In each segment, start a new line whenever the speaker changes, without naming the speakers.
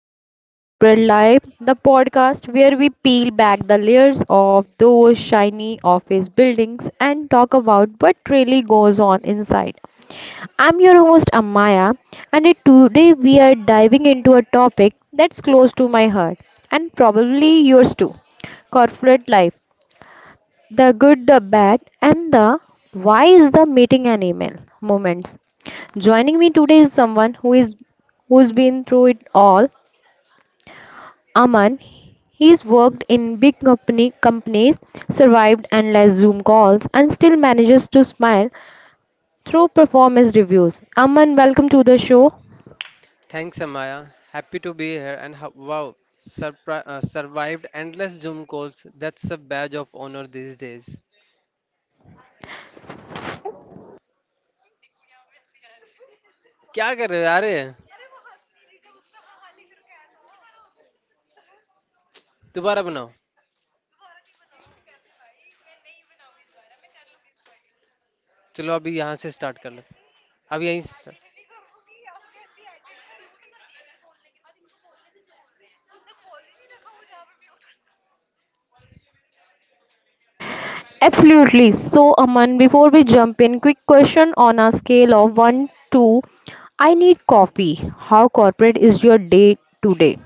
Inside Corporate Life, the podcast where we peel back the layers of those shiny office buildings and talk about what really goes on inside. I'm your host Amaya, and today we are diving into a topic that's close to my heart and probably yours too, corporate life, the good, the bad, and the "why is the meeting an email" moments. Joining me today is someone who's been through it all. Aman, he's worked in big company companies, survived endless Zoom calls, and still manages to smile through performance reviews. Aman, welcome to the show.
Thanks, Amaya. Happy to be here. And wow, survived endless Zoom calls. That's a badge of honor these days. क्या कर रहे हो यार ये? दोबारा बनाओ. चलो अभी यहाँ से स्टार्ट कर लो. अब यहीं से.
Absolutely. So, Aman, before we jump in, quick question: on a scale of 1 to "I need coffee," how corporate is your day today?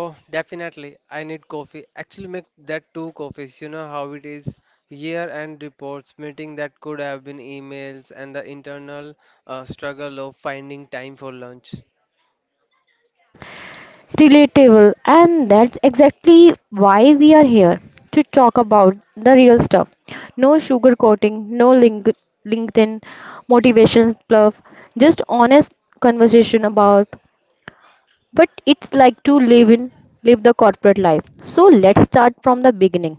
Oh definitely I need coffee actually make that two coffees you know how it. Year end reports meeting that could have been emails and the internal struggle of finding time for lunch.
Relatable, and that's exactly why we are here, to talk about the real stuff. No sugarcoating, no linkedin motivation bluff, just honest conversation about what it's like to live the corporate life. So let's start from the beginning.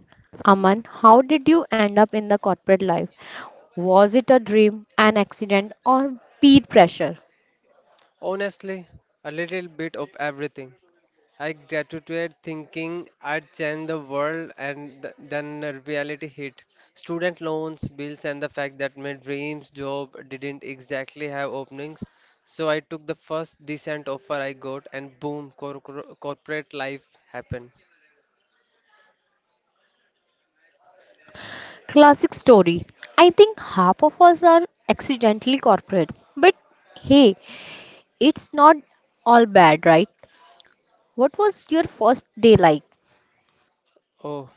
Aman, how did you end up in the corporate life? Was it a dream, an accident, or peer pressure?
Honestly, a little bit of everything. I graduated thinking I'd change the world, and then the reality hit. Student loans, bills, and the fact that my dreams job didn't exactly have openings. So I took the first decent offer I got, and boom, corporate life happened.
Classic story. I think half of us are accidentally corporates. But hey, it's not all bad, right? What was your first day like?
Oh,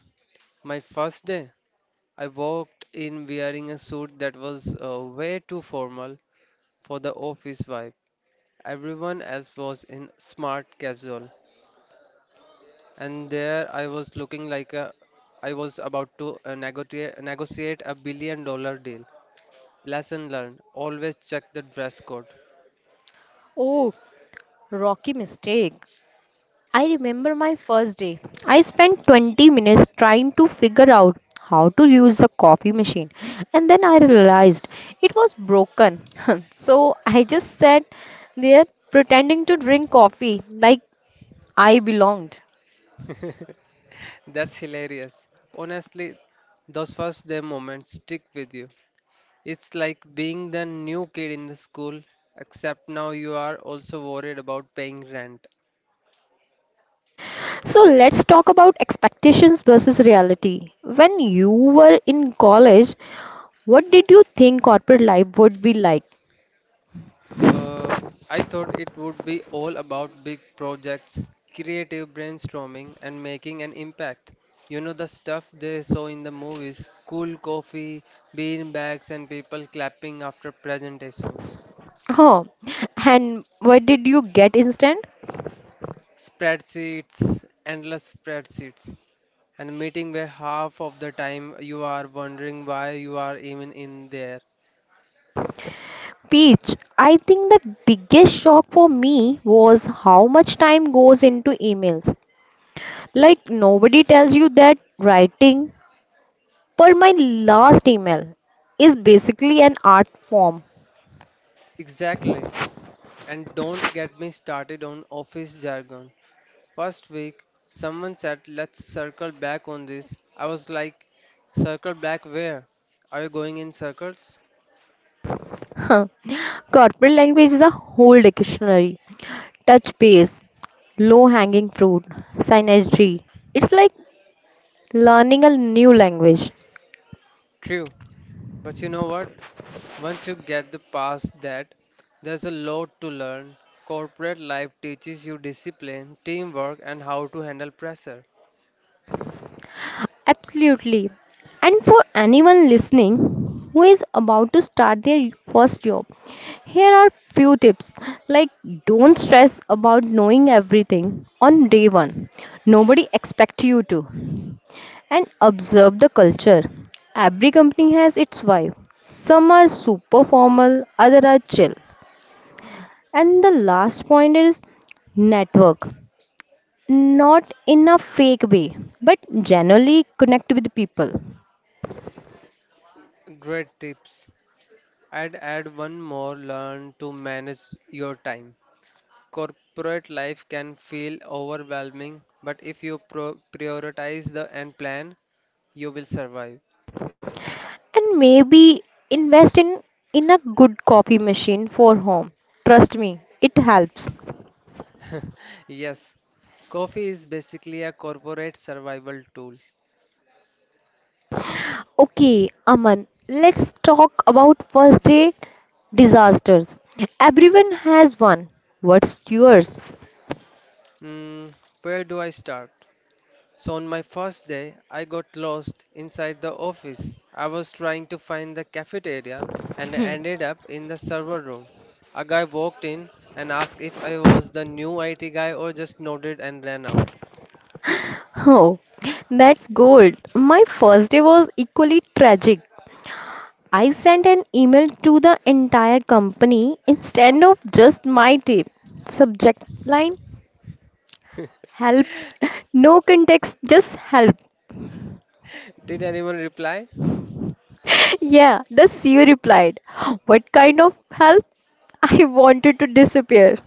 my first day, I walked in wearing a suit that was way too formal for the office vibe. Everyone else was in smart casual, and there I was looking like I was about to negotiate $1 billion deal. Lesson learned, always check the dress code.
Oh, rocky mistake. I remember my first day. I spent 20 minutes trying to figure out how to use the coffee machine, and then I realized it was broken. So I just sat there pretending to drink coffee like I belonged.
That's hilarious. Honestly, those first day moments stick with you. It's like being the new kid in the school, except now you are also worried about paying rent.
So let's talk about expectations versus reality. When you were in college, what did you think corporate life would be like?
Uh, I thought it would be all about big projects, creative brainstorming, and making an impact. You know, the stuff they saw in the movies cool coffee, bean bags, and people clapping after presentations.
Huh. And what did you get instant?
Spreadsheets, endless spreadsheets, and a meeting where half of the time you are wondering why you are even in there.
Peach, I think the biggest shock for me was how much time goes into emails. Like, nobody tells you that writing "per my last email" is basically an art form.
Exactly. And don't get me started on office jargon. First week, someone said, "Let's circle back on this." I was like, "Circle back where? Are you going in circles?"
Huh? Corporate language is a whole dictionary. Touch base, low hanging fruit, synergy. It's like learning a new language.
True, but you know what? Once you get the past that, there's a lot to learn. Corporate life teaches you discipline, teamwork, and how to handle pressure.
Absolutely. And for anyone listening who is about to start their first job, here are few tips. Like, don't stress about knowing everything on day 1. Nobody expect you to. And observe the culture. Every company has its vibe. Some are super formal, others are chill. And the last point is network. Not in a fake way, but generally connect with people.
Great tips. I'd add one more, learn to manage your time. Corporate life can feel overwhelming, but if you prioritize the end plan, you will survive.
And maybe invest in a good copy machine for home. Trust me, it helps.
Yes, coffee is basically a corporate survival tool.
Okay, Aman, let's talk about first aid disasters. Everyone has one. What's yours?
Mm, where do I start? So, on my first day, I got lost inside the office. I was trying to find the cafeteria and I ended up in the server room. A guy walked in and asked if I was the new IT guy or just nodded and ran out.
Oh, that's gold. My first day was equally tragic. I sent an email to the entire company instead of just my team. Subject line: "help." No context, just "help."
Did anyone reply?
Yeah, the CEO replied, "What kind of help?" I wanted to disappear.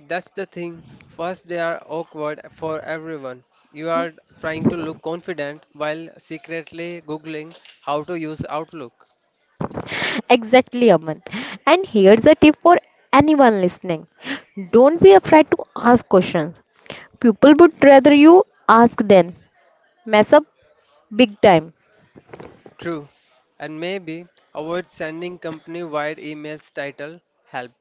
That's the thing. First, they are awkward for everyone. You are trying to look confident while secretly Googling how to use Outlook.
Exactly, Aman. And here's a tip for anyone listening: don't be afraid to ask questions. People would rather you ask than mess up big time.
True. And maybe avoid sending company wide emails titled "Help."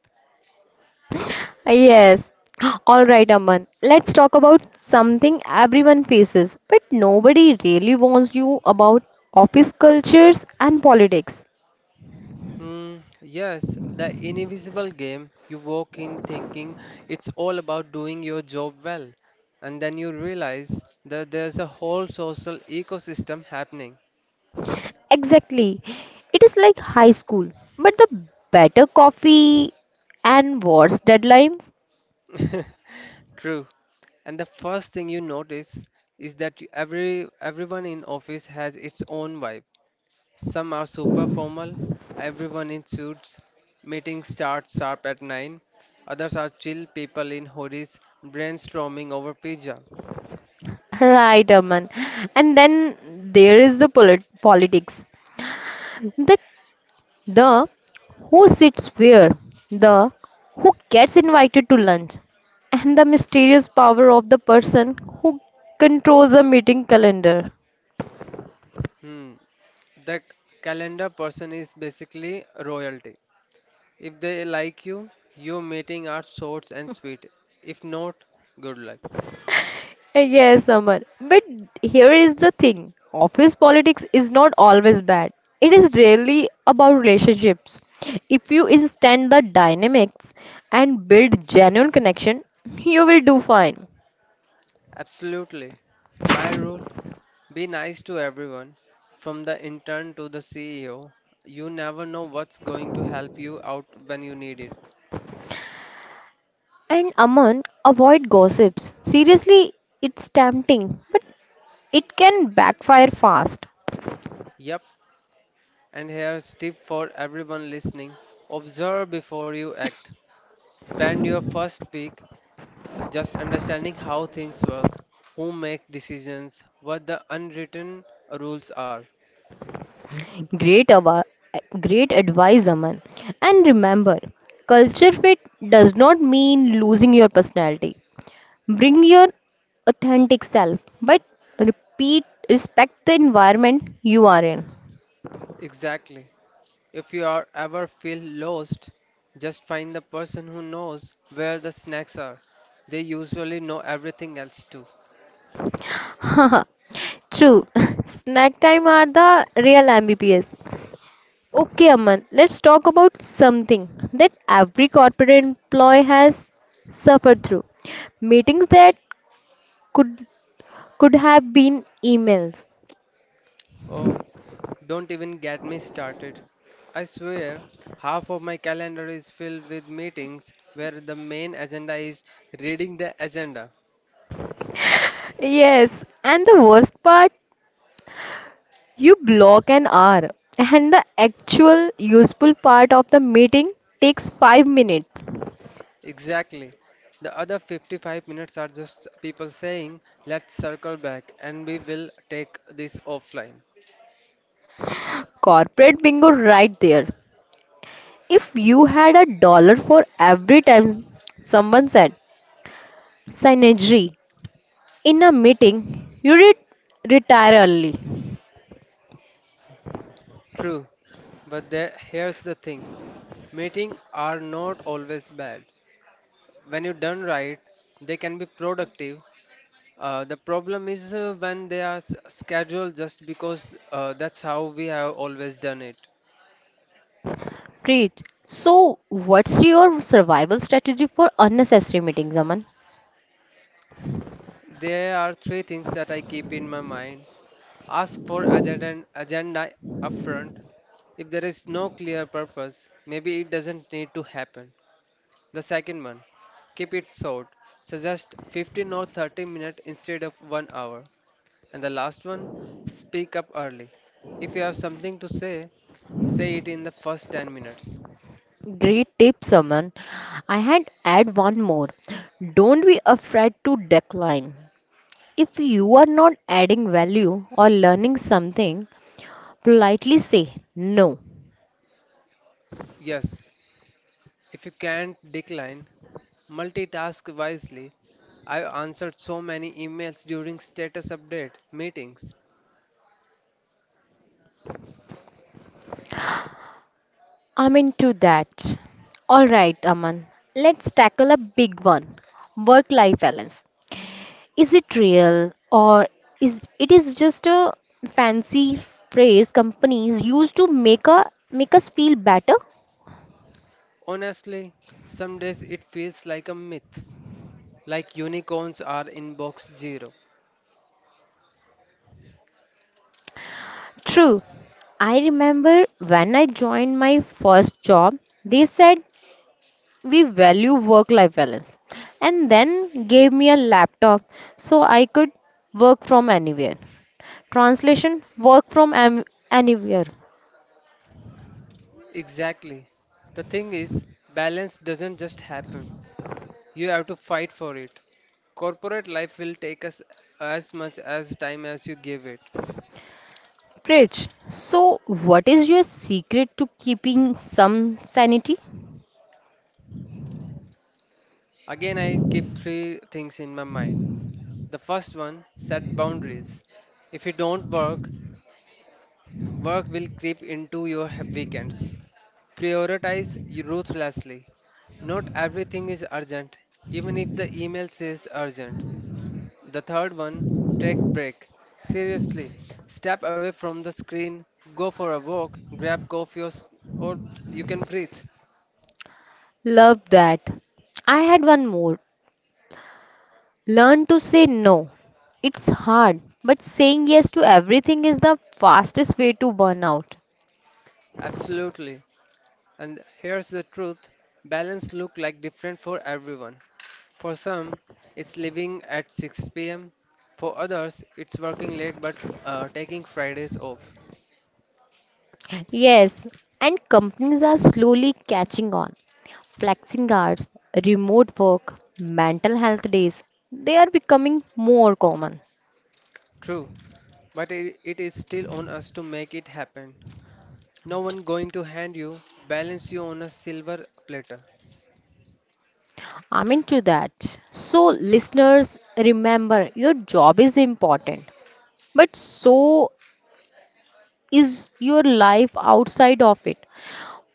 Yes. All right, Aman. Let's talk about something everyone faces, but nobody really warns you about: office cultures and politics.
Hmm, yes, the invisible game. You walk in thinking it's all about doing your job well, and then you realize that there's a whole social ecosystem happening.
Exactly. It is like high school, but the better coffee and worse deadlines.
True. And the first thing you notice is that everyone in office has its own vibe. Some are super formal, everyone in suits, meetings start sharp at 9. Others are chill people in hoodies brainstorming over pizza.
Right, Aman. And then there is the politics. The, the who sits where, the who gets invited to lunch, and the mysterious power of the person who controls a meeting calendar.
Hmm. The calendar person is basically royalty. If they like you, your meeting are short and sweet. If not, good luck.
Yes, Amar. But here is the thing. Office politics is not always bad. It is really about relationships. If you understand the dynamics and build genuine connection, you will do fine.
Absolutely. My rule, be nice to everyone, from the intern to the CEO. You never know what's going to help you out when you need it.
And Aman, avoid gossips. Seriously, it's tempting, but it can backfire fast.
Yep, and here's tip for everyone listening. Observe before you act. Spend your first week just understanding how things work, who make decisions, what the unwritten rules are.
Great, ava- Great advice, Aman. And remember, culture fit does not mean losing your personality. Bring your authentic self, but repeat, respect the environment you are in.
Exactly. If you are ever feel lost, just find the person who knows where the snacks are. They usually know everything else too.
Haha, true. Snack time are the real MBPS. Okay, Aman, let's talk about something that every corporate employee has suffered through. Meetings that could could have been emails.
Oh, don't even get me started. I swear, half of my calendar is filled with meetings where the main agenda is reading the agenda.
Yes, and the worst part: you block an hour, and the actual useful part of the meeting takes 5 minutes.
Exactly. The other 55 minutes are just people saying, "Let's circle back" and "We will take this offline."
Corporate bingo right there. If you had a dollar for every time someone said "synergy" in a meeting, you would retire early.
True, but here's the thing, meetings are not always bad. When you done right, they can be productive. The problem is when they are scheduled just because that's how we have always done it.
Preach. So, what's your survival strategy for unnecessary meetings, Aman?
There are three things that I keep in my mind. Ask for agenda upfront. If there is no clear purpose, maybe it doesn't need to happen. The second one, keep it short. Suggest 15 or 30 minutes instead of 1 hour. And the last one, speak up early. If you have something to say, say it in the first 10 minutes.
Great tips, Aman. I had add one more. Don't be afraid to decline. If you are not adding value or learning something, politely say, "No."
Yes, if you can't decline, multitask wisely. I've answered so many emails during status update meetings.
I'm into that. Alright, Aman, let's tackle a big one: work life balance. Is it real, or is it is just a fancy phrase companies use to make, a, make us feel better?
Honestly, some days it feels like a myth, like unicorns are inbox zero.
True. I remember when I joined my first job, they said "we value work life balance" and then gave me a laptop so I could work from anywhere. Translation: work from anywhere.
Exactly. The thing is, balance doesn't just happen. You have to fight for it. Corporate life will take us as much as time as you give it.
Preach. So what is your secret to keeping some sanity?
Again, I keep three things in my mind. The first one, set boundaries. If you don't work, work will creep into your weekends. Prioritize you ruthlessly. Not everything is urgent, even if the email says urgent. The third one, take break. Seriously, step away from the screen, go for a walk, grab coffee or you can breathe.
Love that. I had one more: learn to say no. It's hard, but saying yes to everything is the fastest way to burn out.
Absolutely. And here's the truth, balance look like different for everyone. For some, it's leaving at 6 pm. For others, it's working late but taking Fridays off.
Yes, and companies are slowly catching on. Flexing hours, remote work, mental health days, they are becoming more common.
True, but it is still on us to make it happen. No one going to hand you balance you on a silver platter.
I'm into that. So, listeners, remember, your job is important, but so is your life outside of it.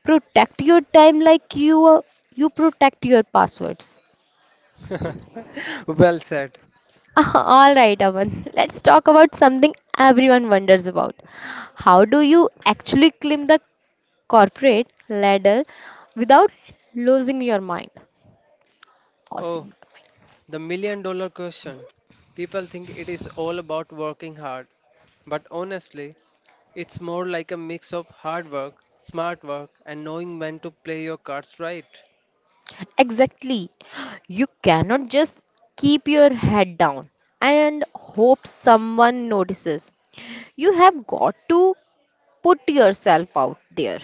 Protect your time like you protect your passwords.
Well said.
All right, Aman. Let's talk about something everyone wonders about. How do you actually climb the corporate ladder without losing your mind?
Oh,
Awesome.
the $1 million question. People think it is all about working hard, but honestly, it's more like a mix of hard work, smart work, and knowing when to play your cards right.
Exactly. You cannot just keep your head down and hope someone notices. You have got to put yourself out there.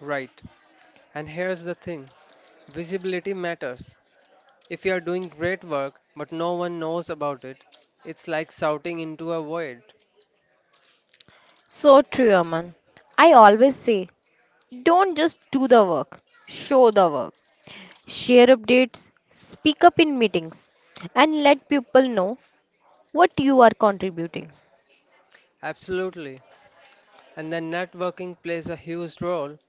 Right. And here's the thing, visibility matters. If you are doing great work but no one knows about it, it's like shouting into a void.
So true, Aman. I always say, don't just do the work, show the work. Share updates, speak up in meetings, and let people know what you are contributing.
Absolutely. And then networking plays a huge role.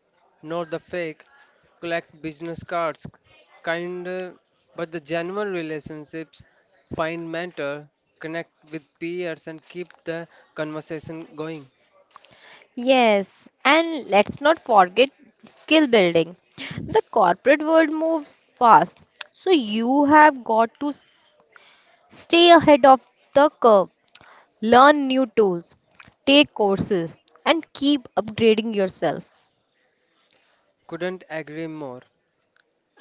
Not the fake, collect business cards, kind, but the genuine relationships, find mentor, connect with peers, and keep the conversation going.
Yes, and let's not forget skill building. The corporate world moves fast, so you have got to stay ahead of the curve, learn new tools, take courses, and keep upgrading yourself.
Couldn't agree more.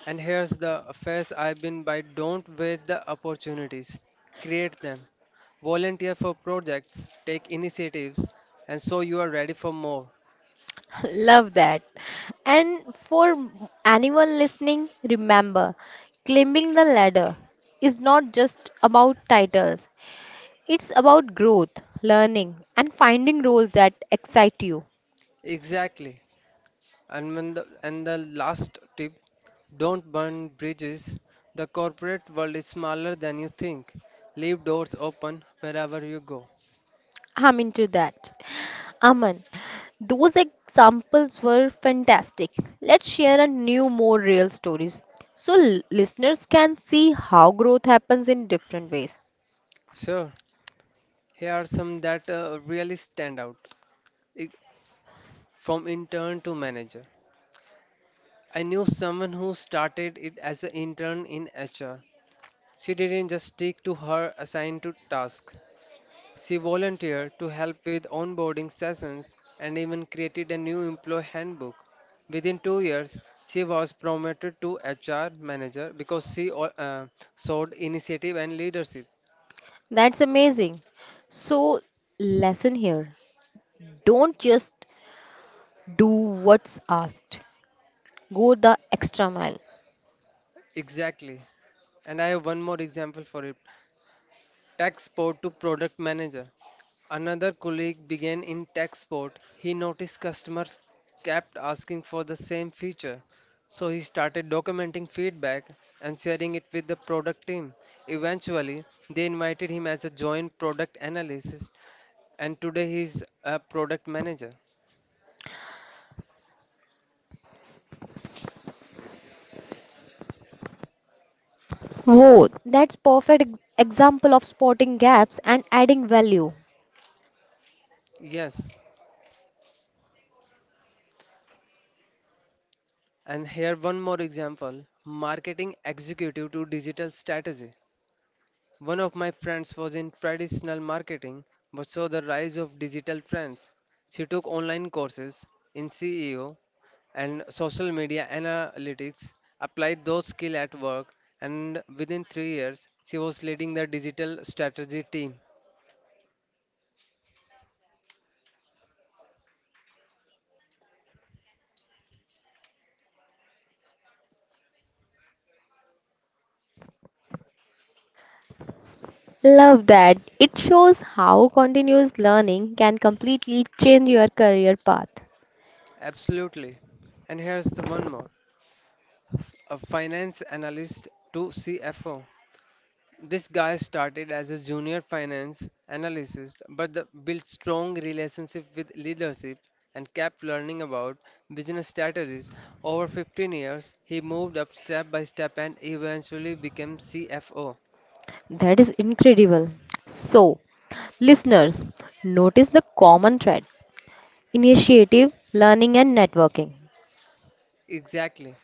And here's the phase I've been by, don't waste the opportunities, create them. Volunteer for projects, take initiatives, and so you are ready for more.
Love that. And for anyone listening, remember, climbing the ladder is not just about titles, it's about growth, learning, and finding roles that excite you.
Exactly. And the last tip, don't burn bridges. The corporate world is smaller than you think. Leave doors open wherever you go.
I'm into that. Aman, those examples were fantastic. Let's share a new, more real stories so listeners can see how growth happens in different ways.
Sure, here are some that really stand out. I- From intern to manager. I knew someone who started it as an intern in HR. She didn't just stick to her assigned to task. She volunteered to help with onboarding sessions and even created a new employee handbook. Within 2 years, she was promoted to HR manager because she showed initiative and leadership.
That's amazing. So, lesson here: don't just do what's asked, go the extra mile.
Exactly. And I have one more example for it. Tech support to product manager. Another colleague began in tech support. He noticed customers kept asking for the same feature. So he started documenting feedback and sharing it with the product team. Eventually, they invited him as a joint product analyst and today he is a product manager.
Whoa, that's perfect example of spotting gaps and adding value.
Yes, and here one more example, marketing executive to digital strategy. One of my friends was in traditional marketing but saw the rise of digital trends. She took online courses in CEO and social media analytics, applied those skills at work, and within 3 years, she was leading the digital strategy team.
Love that. It shows how continuous learning can completely change your career path.
Absolutely. And here's the one more, a finance analyst to CFO. This guy started as a junior finance analyst, but built strong relationship with leadership and kept learning about business strategies. Over 15 years, he moved up step by step and eventually became CFO.
That is incredible. So, listeners, notice the common thread: initiative, learning, and networking.
Exactly.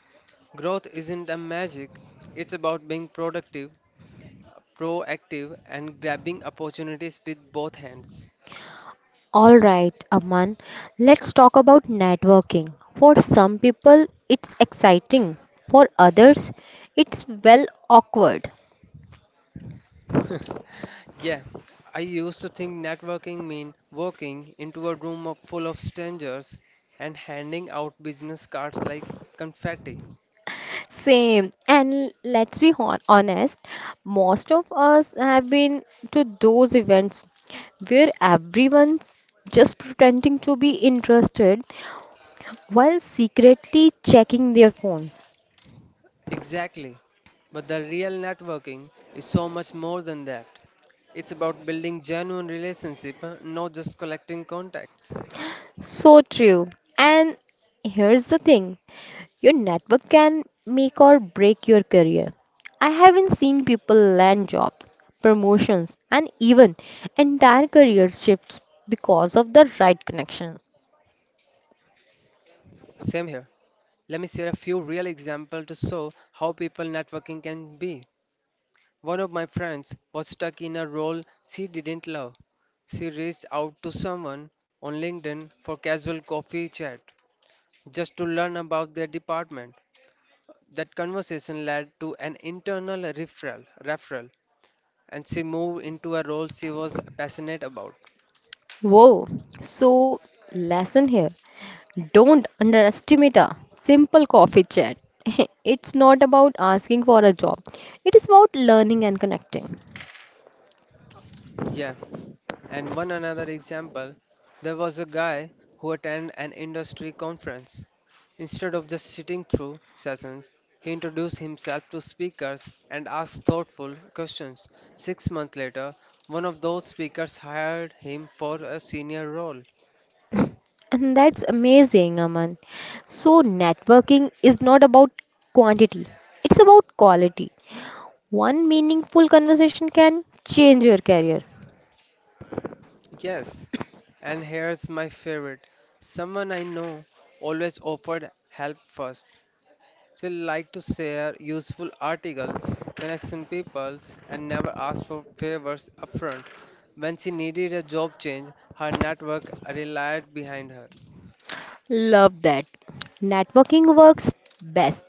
Growth isn't a magic. It's about being productive, proactive, and grabbing opportunities with both hands.
All right, Aman, let's talk about networking. For some people, it's exciting. For others, it's well awkward.
Yeah, I used to think networking mean walking into a room full of strangers and handing out business cards like confetti.
Same. And let's be honest, most of us have been to those events where everyone's just pretending to be interested while secretly checking their phones.
Exactly. But the real networking is so much more than that. It's about building genuine relationship, not just collecting contacts.
So true. And here's the thing: your network can make or break your career. I haven't seen people land jobs, promotions, and even entire career shifts because of the right connections.
Same here. Let me share a few real examples to show how people networking can be. One of my friends was stuck in a role she didn't love. She reached out to someone on LinkedIn for casual coffee chat just to learn about their department. That conversation led to an internal referral and she moved into a role she was passionate about.
Whoa. So, lesson here: don't underestimate a simple coffee chat. It's not about asking for a job, it is about learning and connecting.
Yeah, and one another example, there was a guy who attended an industry conference. Instead of just sitting through sessions, he introduced himself to speakers and asked thoughtful questions. 6 months later, one of those speakers hired him for a senior role.
And that's amazing, Aman. So, networking is not about quantity, it's about quality. One meaningful conversation can change your career.
Yes, and here's my favorite. Someone I know always offered help first. She liked to share useful articles, connection peoples, and never asked for favors upfront. When she needed a job change, her network relied behind her.
Love that. Networking works best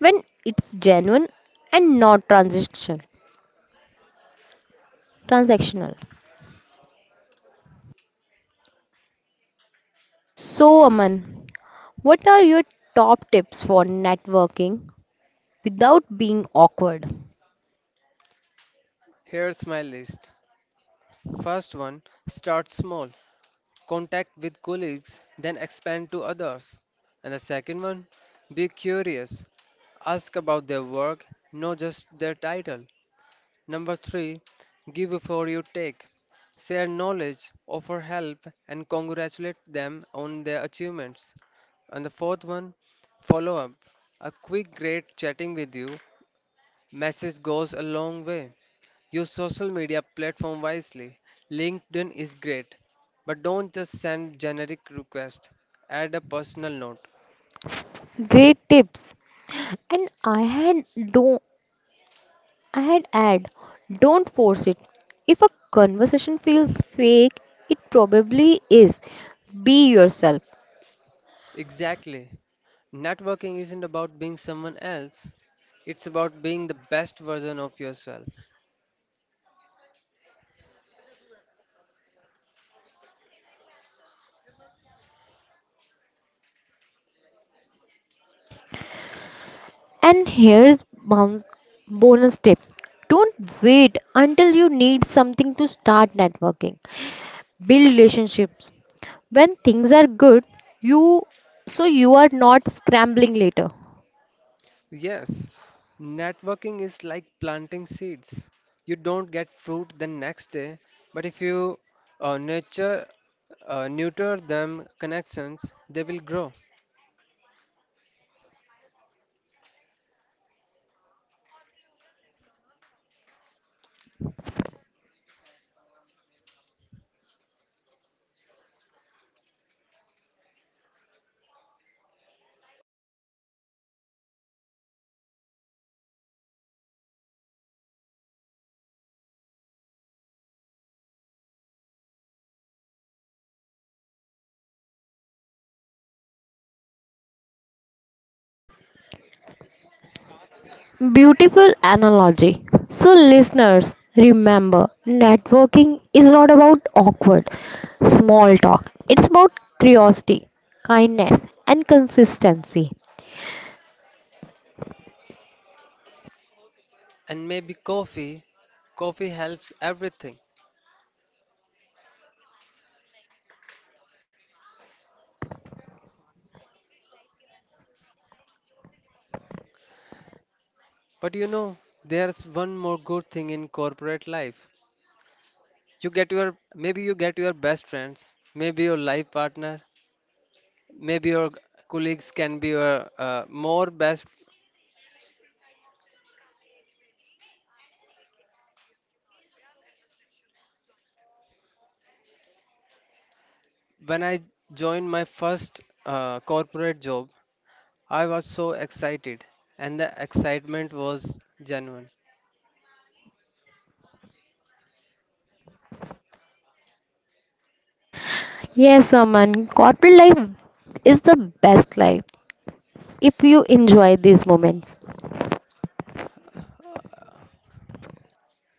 when it's genuine and not transactional. So, Aman, what are your top tips for networking without being awkward?
Here's my list. First one, start small, contact with colleagues, then expand to others. And the second one, be curious, ask about their work, not just their title. Number three, give before you take, share knowledge, offer help, and congratulate them on their achievements. And the fourth one, follow up, a quick, "Great chatting with you" message goes a long way. Use social media platform wisely. LinkedIn is great, but don't just send generic requests. Add a personal note.
Great tips. And I had do I'd add, don't force it. If a conversation feels fake, it probably is. Be yourself.
Exactly. Networking isn't about being someone else. It's about being the best version of yourself.
And here's bonus tip. Don't wait until you need something to start networking. Build relationships when things are good you so you are not scrambling later.
Yes, networking is like planting seeds. You don't get fruit the next day, but if you uh, nurture, neuter them connections, they will grow.
Beautiful analogy. So, listeners, remember, networking is not about awkward small talk, it's about curiosity, kindness, and consistency.
And maybe coffee helps everything. But you know, there's one more good thing in corporate life. You get your maybe you get your best friends, maybe your life partner, maybe your colleagues can be your more best. When I joined my first corporate job, I was so excited, and the excitement was genuine.
Yes, Aman, corporate life is the best life if you enjoy these moments.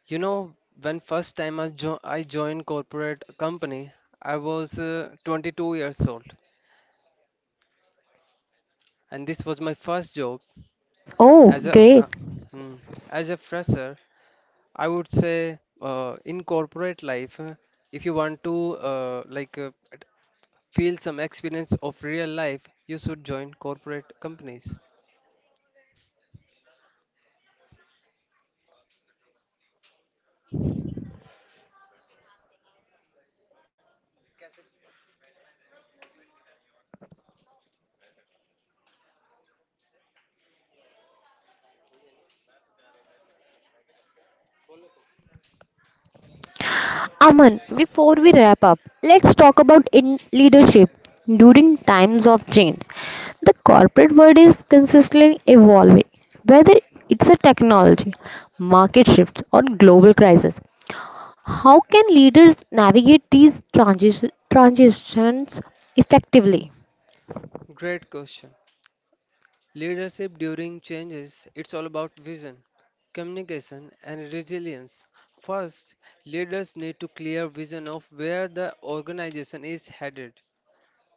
You know, when first time I joined corporate company, I was 22 years old, and this was my first job.
Oh,
As a uh,
great.
mm, as a fresher, I would say in corporate life, if you want to feel some experience of real life, you should join corporate companies.
Aman, before we wrap up, let's talk about in leadership during times of change. The corporate world is consistently evolving, whether it's a technology, market shifts, or global crisis. How can leaders navigate these transitions effectively?
Great question. Leadership during changes, it's all about vision, communication, and resilience. First, leaders need to clear vision of where the organization is headed.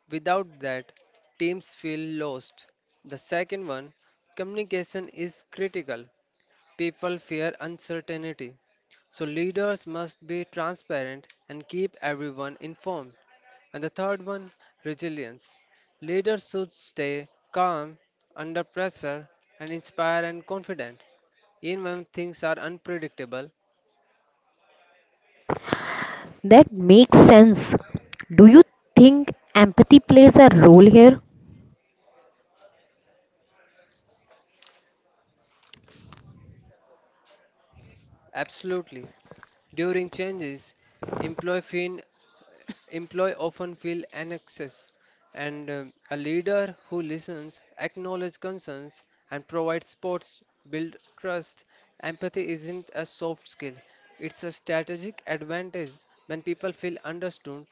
Without that, teams feel lost. The second one, communication is critical. People fear uncertainty. So leaders must be transparent and keep everyone informed. And the third one, resilience. Leaders should stay calm under pressure and inspire and confident. Even when things are unpredictable,
That makes sense. Do you think empathy plays a role here?
absolutely. During changes, employee, feel, employee often feel annexes, and a leader who listens, acknowledges concerns, and provides supports build trust. Empathy isn't a soft skill; it's a strategic advantage. When people feel understood,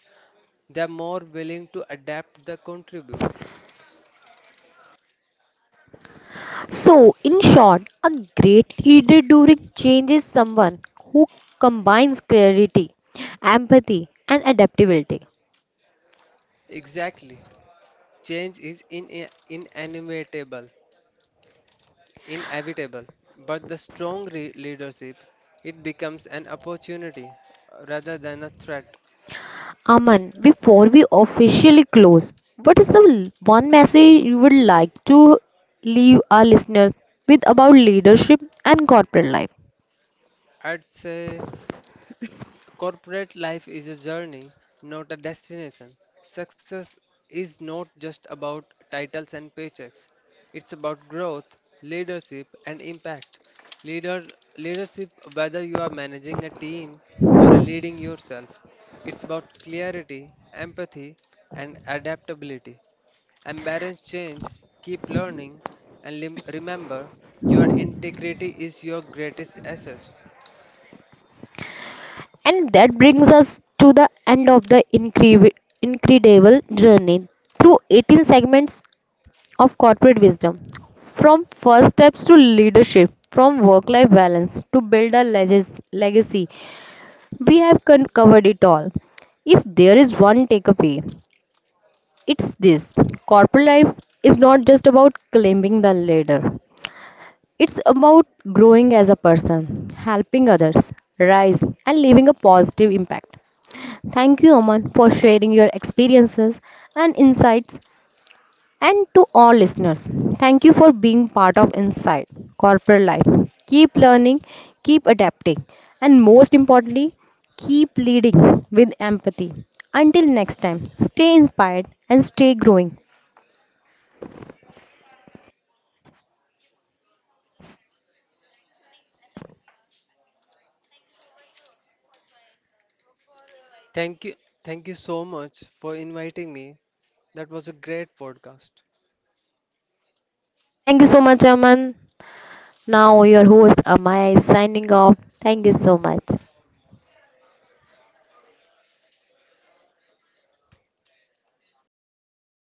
they are more willing to adapt the contribute.
So, in short, a great leader during change is someone who combines clarity, empathy, and adaptability.
Exactly, change is in, inevitable. Inevitable, but the strong leadership it becomes an opportunity rather than a threat.
Aman, before we officially close, what is the one message you would like to leave our listeners with about leadership and corporate life?
I'd say corporate life is a journey, not a destination. Success is not just about titles and paychecks. It's about growth, leadership, and impact. Leader leadership, whether you are managing a team or a leading yourself, it's about clarity, empathy, and adaptability. Embrace change, keep learning, and remember your integrity is your greatest asset.
And that brings us to the end of the incredible journey through 18 segments of corporate wisdom, from first steps to leadership, from work life balance to build a legacy. We have covered it all. If there is one takeaway, it's this: corporate life is not just about climbing the ladder, it's about growing as a person, helping others rise, and leaving a positive impact. Thank you, Aman, for sharing your experiences and insights. And to all listeners, thank you for being part of Inside Corporate Life. Keep learning, keep adapting, and most importantly, keep leading with empathy. Until next time, stay inspired and stay growing.
Thank you, thank you so much for inviting me. That was a great podcast.
Thank you so much, Aman. Now, your host Amaya is signing off. Thank you so much.